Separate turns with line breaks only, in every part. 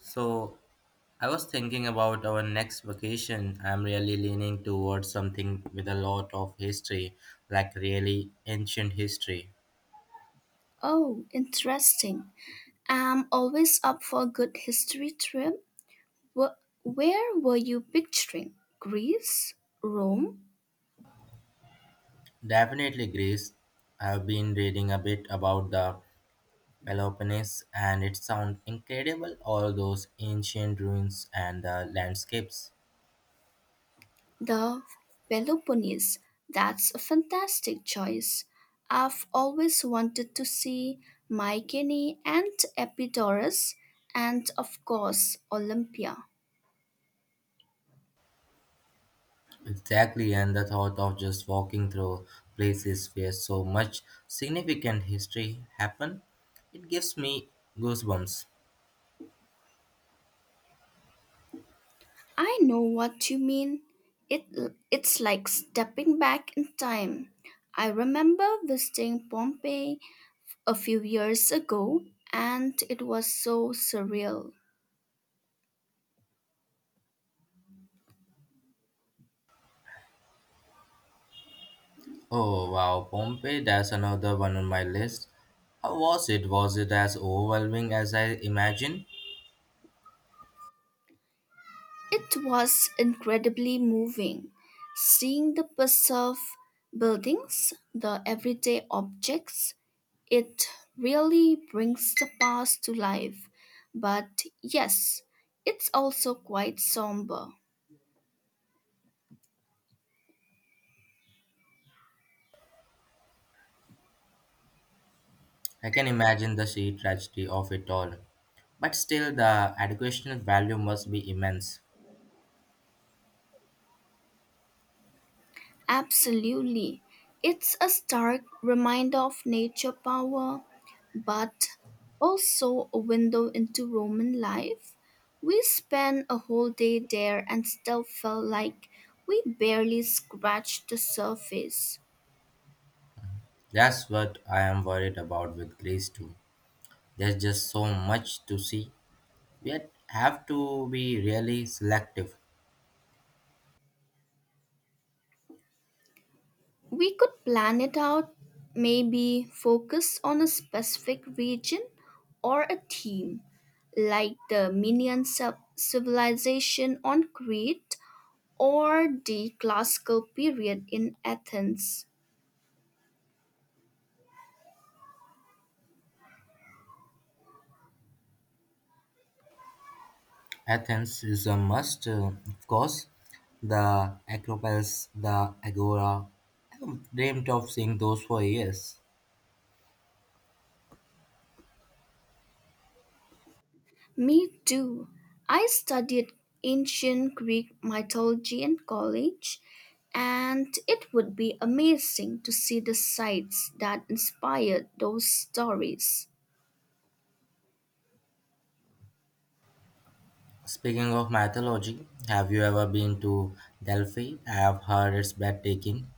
So, I was thinking about our next vacation. I'm really leaning towards something with a lot of history, like really ancient history.
Oh, interesting. I'm always up for a good history trip. Where were you picturing? Greece? Rome?
Definitely Greece. I've been reading a bit about the Peloponnese, and it sounds incredible, all those ancient ruins and the landscapes.
The Peloponnese? That's a fantastic choice. I've always wanted to see Mycenae and Epidaurus and, of course, Olympia.
Exactly, and the thought of just walking through places where so much significant history happened, it gives me goosebumps.
I know what you mean. It, it's like stepping back in time. I remember visiting Pompeii a few years ago, and it was so surreal.
Oh wow, Pompeii, that's another one on my list. How was it? Was it as overwhelming as I imagined?
It was incredibly moving, seeing the bus of buildings, the everyday objects. It really brings the past to life. But yes, it's also quite somber.
I can imagine the sheer tragedy of it all. But still, the educational value must be immense.
Absolutely. It's a stark reminder of nature power, but also a window into Roman life. We spent a whole day there and still felt like we barely scratched the surface.
That's what I am worried about with Greece too. There's just so much to see. We have to be really selective.
We could plan it out, maybe focus on a specific region or a theme, like the civilization on Crete or the classical period in Athens.
Athens is a must, of course. The Acropolis, the Agora. I've dreamt of seeing those for years.
Me too. I studied ancient Greek mythology in college, and it would be amazing to see the sites that inspired those stories.
Speaking of mythology, have you ever been to Delphi? I have heard it's breathtaking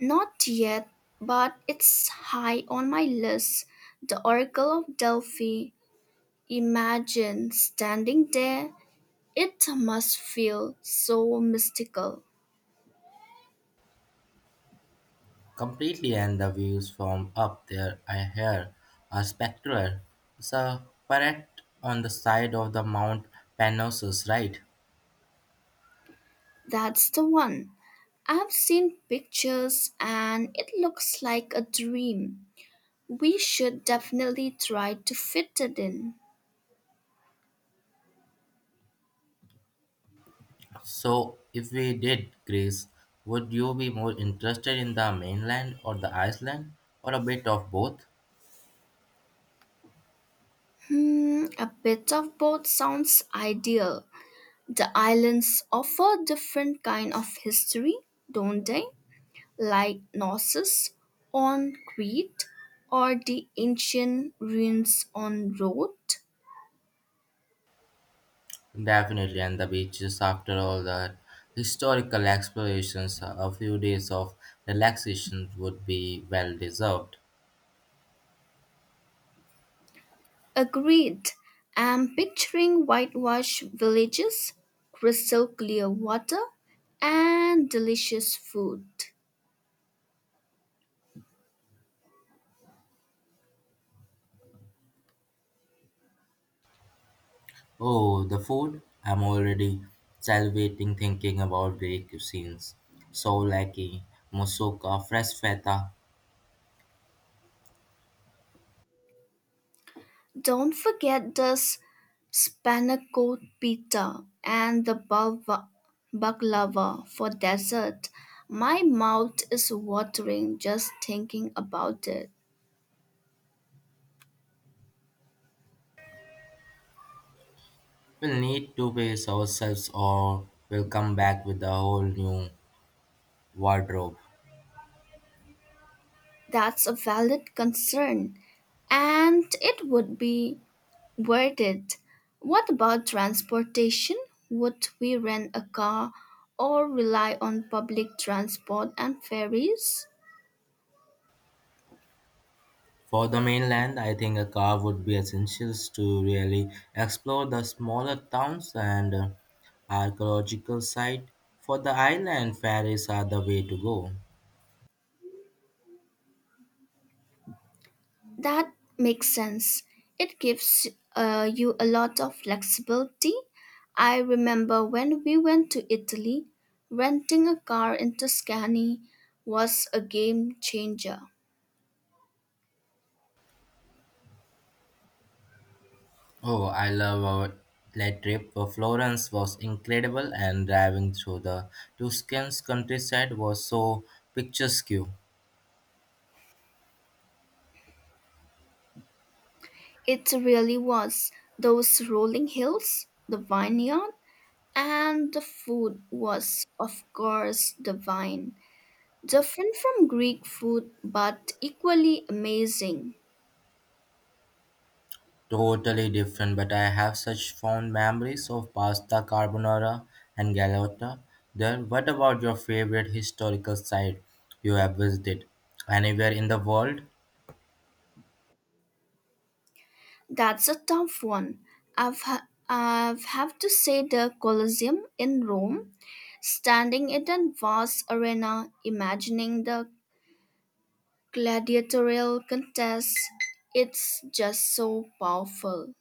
Not yet, but it's high on my list. The Oracle of Delphi. Imagine standing there. It must feel so mystical.
completely, and the views from up there I hear are spectral. It's a parrot on the side of the Mount Panossus, right?
That's the one. I've seen pictures and it looks like a dream. We should definitely try to fit it in.
So, if we did Greece, would you be more interested in the mainland or the island, or a bit of both?
A bit of both sounds ideal. The islands offer different kind of history, don't they? Like Knossos on Crete or the ancient ruins on Rhodes.
Definitely, and the beaches, after all the historical explorations, a few days of relaxation would be well deserved.
Agreed. I'm picturing whitewashed villages, crystal clear water, and delicious food.
Oh, the food! I'm already salivating thinking about Greek cuisines. Souvlaki, moussaka, fresh feta.
Don't forget the spanakot pita and the baklava for dessert. My mouth is watering just thinking about it.
We'll need to pace ourselves or we'll come back with a whole new wardrobe.
That's a valid concern, and it would be worth it. What about transportation? Would we rent a car or rely on public transport and ferries?
For the mainland, I think a car would be essential to really explore the smaller towns and archaeological sites. For the island, ferries are the way to go.
That makes sense. It gives you a lot of flexibility. I remember when we went to Italy, renting a car in Tuscany was a game changer.
Oh, I love our plane trip. Florence was incredible, and driving through the Tuscan countryside was so picturesque.
It really was. Those rolling hills, the vineyard, and the food was, of course, divine. Different from Greek food, but equally amazing.
Totally different, but I have such fond memories of pasta carbonara and galotta there. What about your favorite historical site you have visited? Anywhere in the world?
That's a tough one. I've have to say the Colosseum in Rome, standing in a vast arena, imagining the gladiatorial contest. It's just so powerful.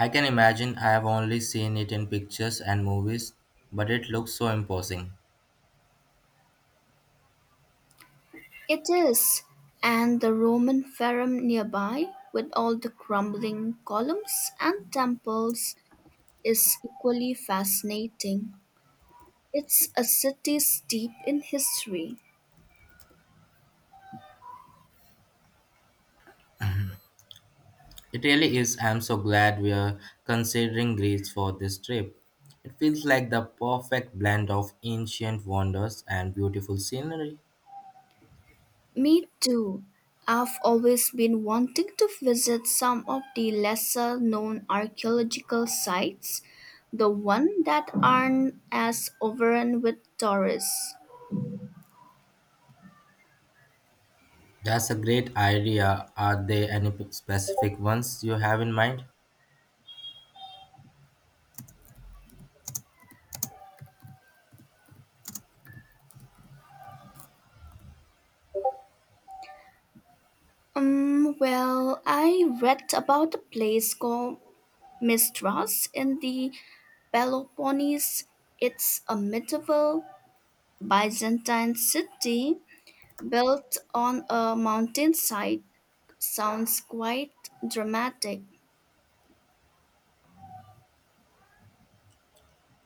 I can imagine, I have only seen it in pictures and movies, but it looks so imposing.
It is, and the Roman Forum nearby, with all the crumbling columns and temples, is equally fascinating. It's a city steeped in history.
It really is. I'm so glad we are considering Greece for this trip. It feels like the perfect blend of ancient wonders and beautiful scenery.
Me too. I've always been wanting to visit some of the lesser known archaeological sites, the ones that aren't as overrun with tourists.
That's a great idea. Are there any specific ones you have in mind?
Well, I read about a place called Mistras in the Peloponnese. It's a medieval Byzantine city built on a mountainside. Sounds quite dramatic.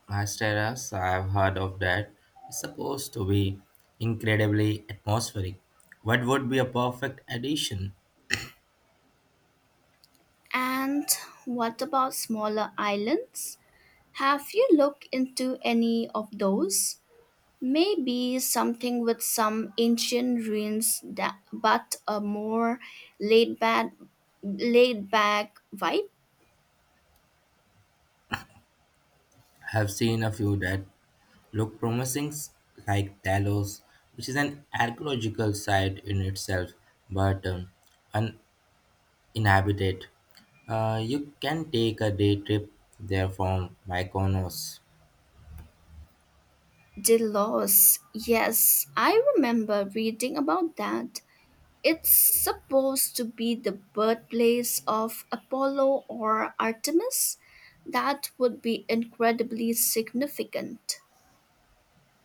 Masteras, I've heard of that. It's supposed to be incredibly atmospheric. What would be a perfect addition?
And what about smaller islands? Have you looked into any of those? Maybe something with some ancient ruins that but a more laid back laid back vibe?
I've seen a few that look promising, like Talos, which is an archaeological site in itself, but uninhabited. You can take a day trip there from Mykonos.
Delos. Yes, I remember reading about that. It's supposed to be the birthplace of Apollo or Artemis. That would be incredibly significant.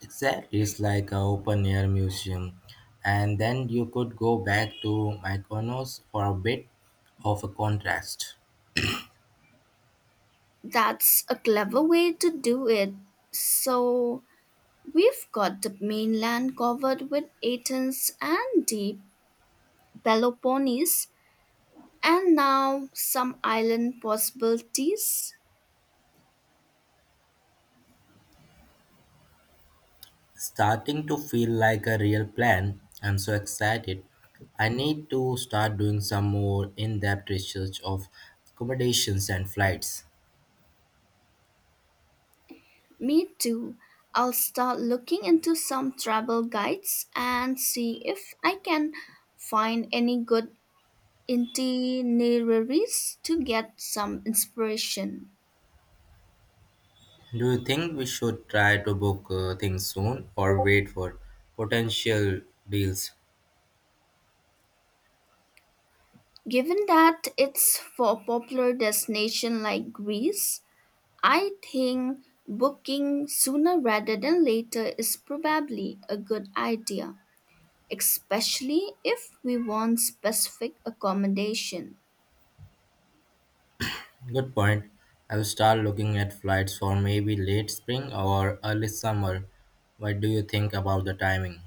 Exactly, it's like a open air museum. And then you could go back to Mykonos for a bit of a contrast.
That's a clever way to do it. So, we've got the mainland covered with Athens and the Peloponnese, and now some island possibilities.
Starting to feel like a real plan. I'm so excited. I need to start doing some more in depth research of accommodations and flights.
Me too. I'll start looking into some travel guides and see if I can find any good itineraries to get some inspiration.
Do you think we should try to book things soon or wait for potential deals?
Given that it's for a popular destination like Greece, I think booking sooner rather than later is probably a good idea, especially if we want specific accommodation.
Good point. I will start looking at flights for maybe late spring or early summer. What do you think about the timing?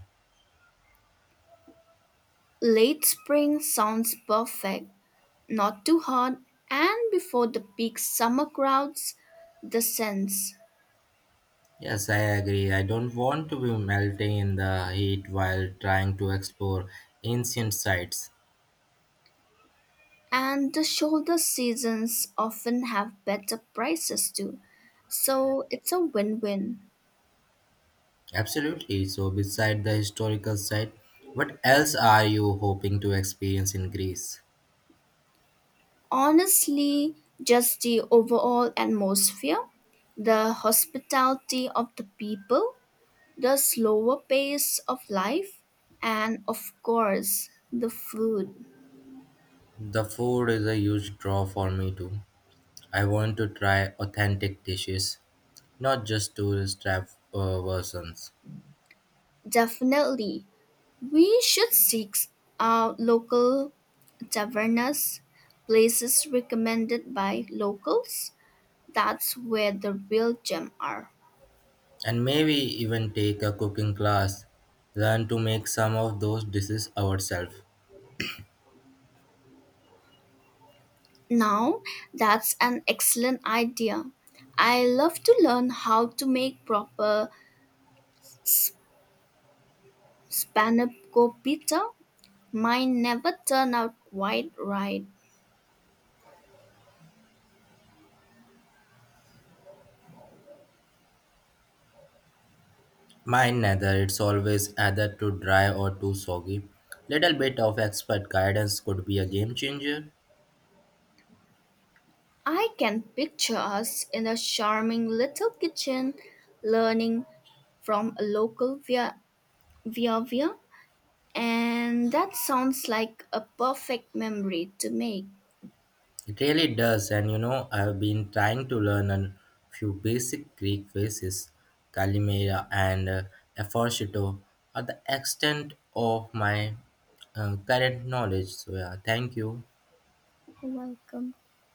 Late spring sounds perfect, not too hot, and before the peak summer crowds, the scents
Yes, I agree. I don't want to be melting in the heat while trying to explore ancient sites.
and the shoulder seasons often have better prices too. So it's a win win.
Absolutely. So, beside the historical site, what else are you hoping to experience in Greece?
Honestly, just the overall atmosphere, the hospitality of the people, the slower pace of life, and of course, the food.
The food is a huge draw for me too. I want to try authentic dishes, not just tourist trap versions.
Definitely. We should seek out local tavernas, places recommended by locals. That's where the real gem are.
And maybe even take a cooking class. Learn to make some of those dishes ourselves.
Now, that's an excellent idea. I love to learn how to make proper Spanaco pita. Mine never turn out quite right.
Mind neither, it's always either too dry or too soggy. Little bit of expert guidance could be a game changer.
I can picture us in a charming little kitchen learning from a local via via via and that sounds like a perfect memory to make.
It really does, and you know, I've been trying to learn a few basic Greek phrases. Kalimera and Aphorshito are the extent of my current knowledge. So, yeah, thank you.
Welcome.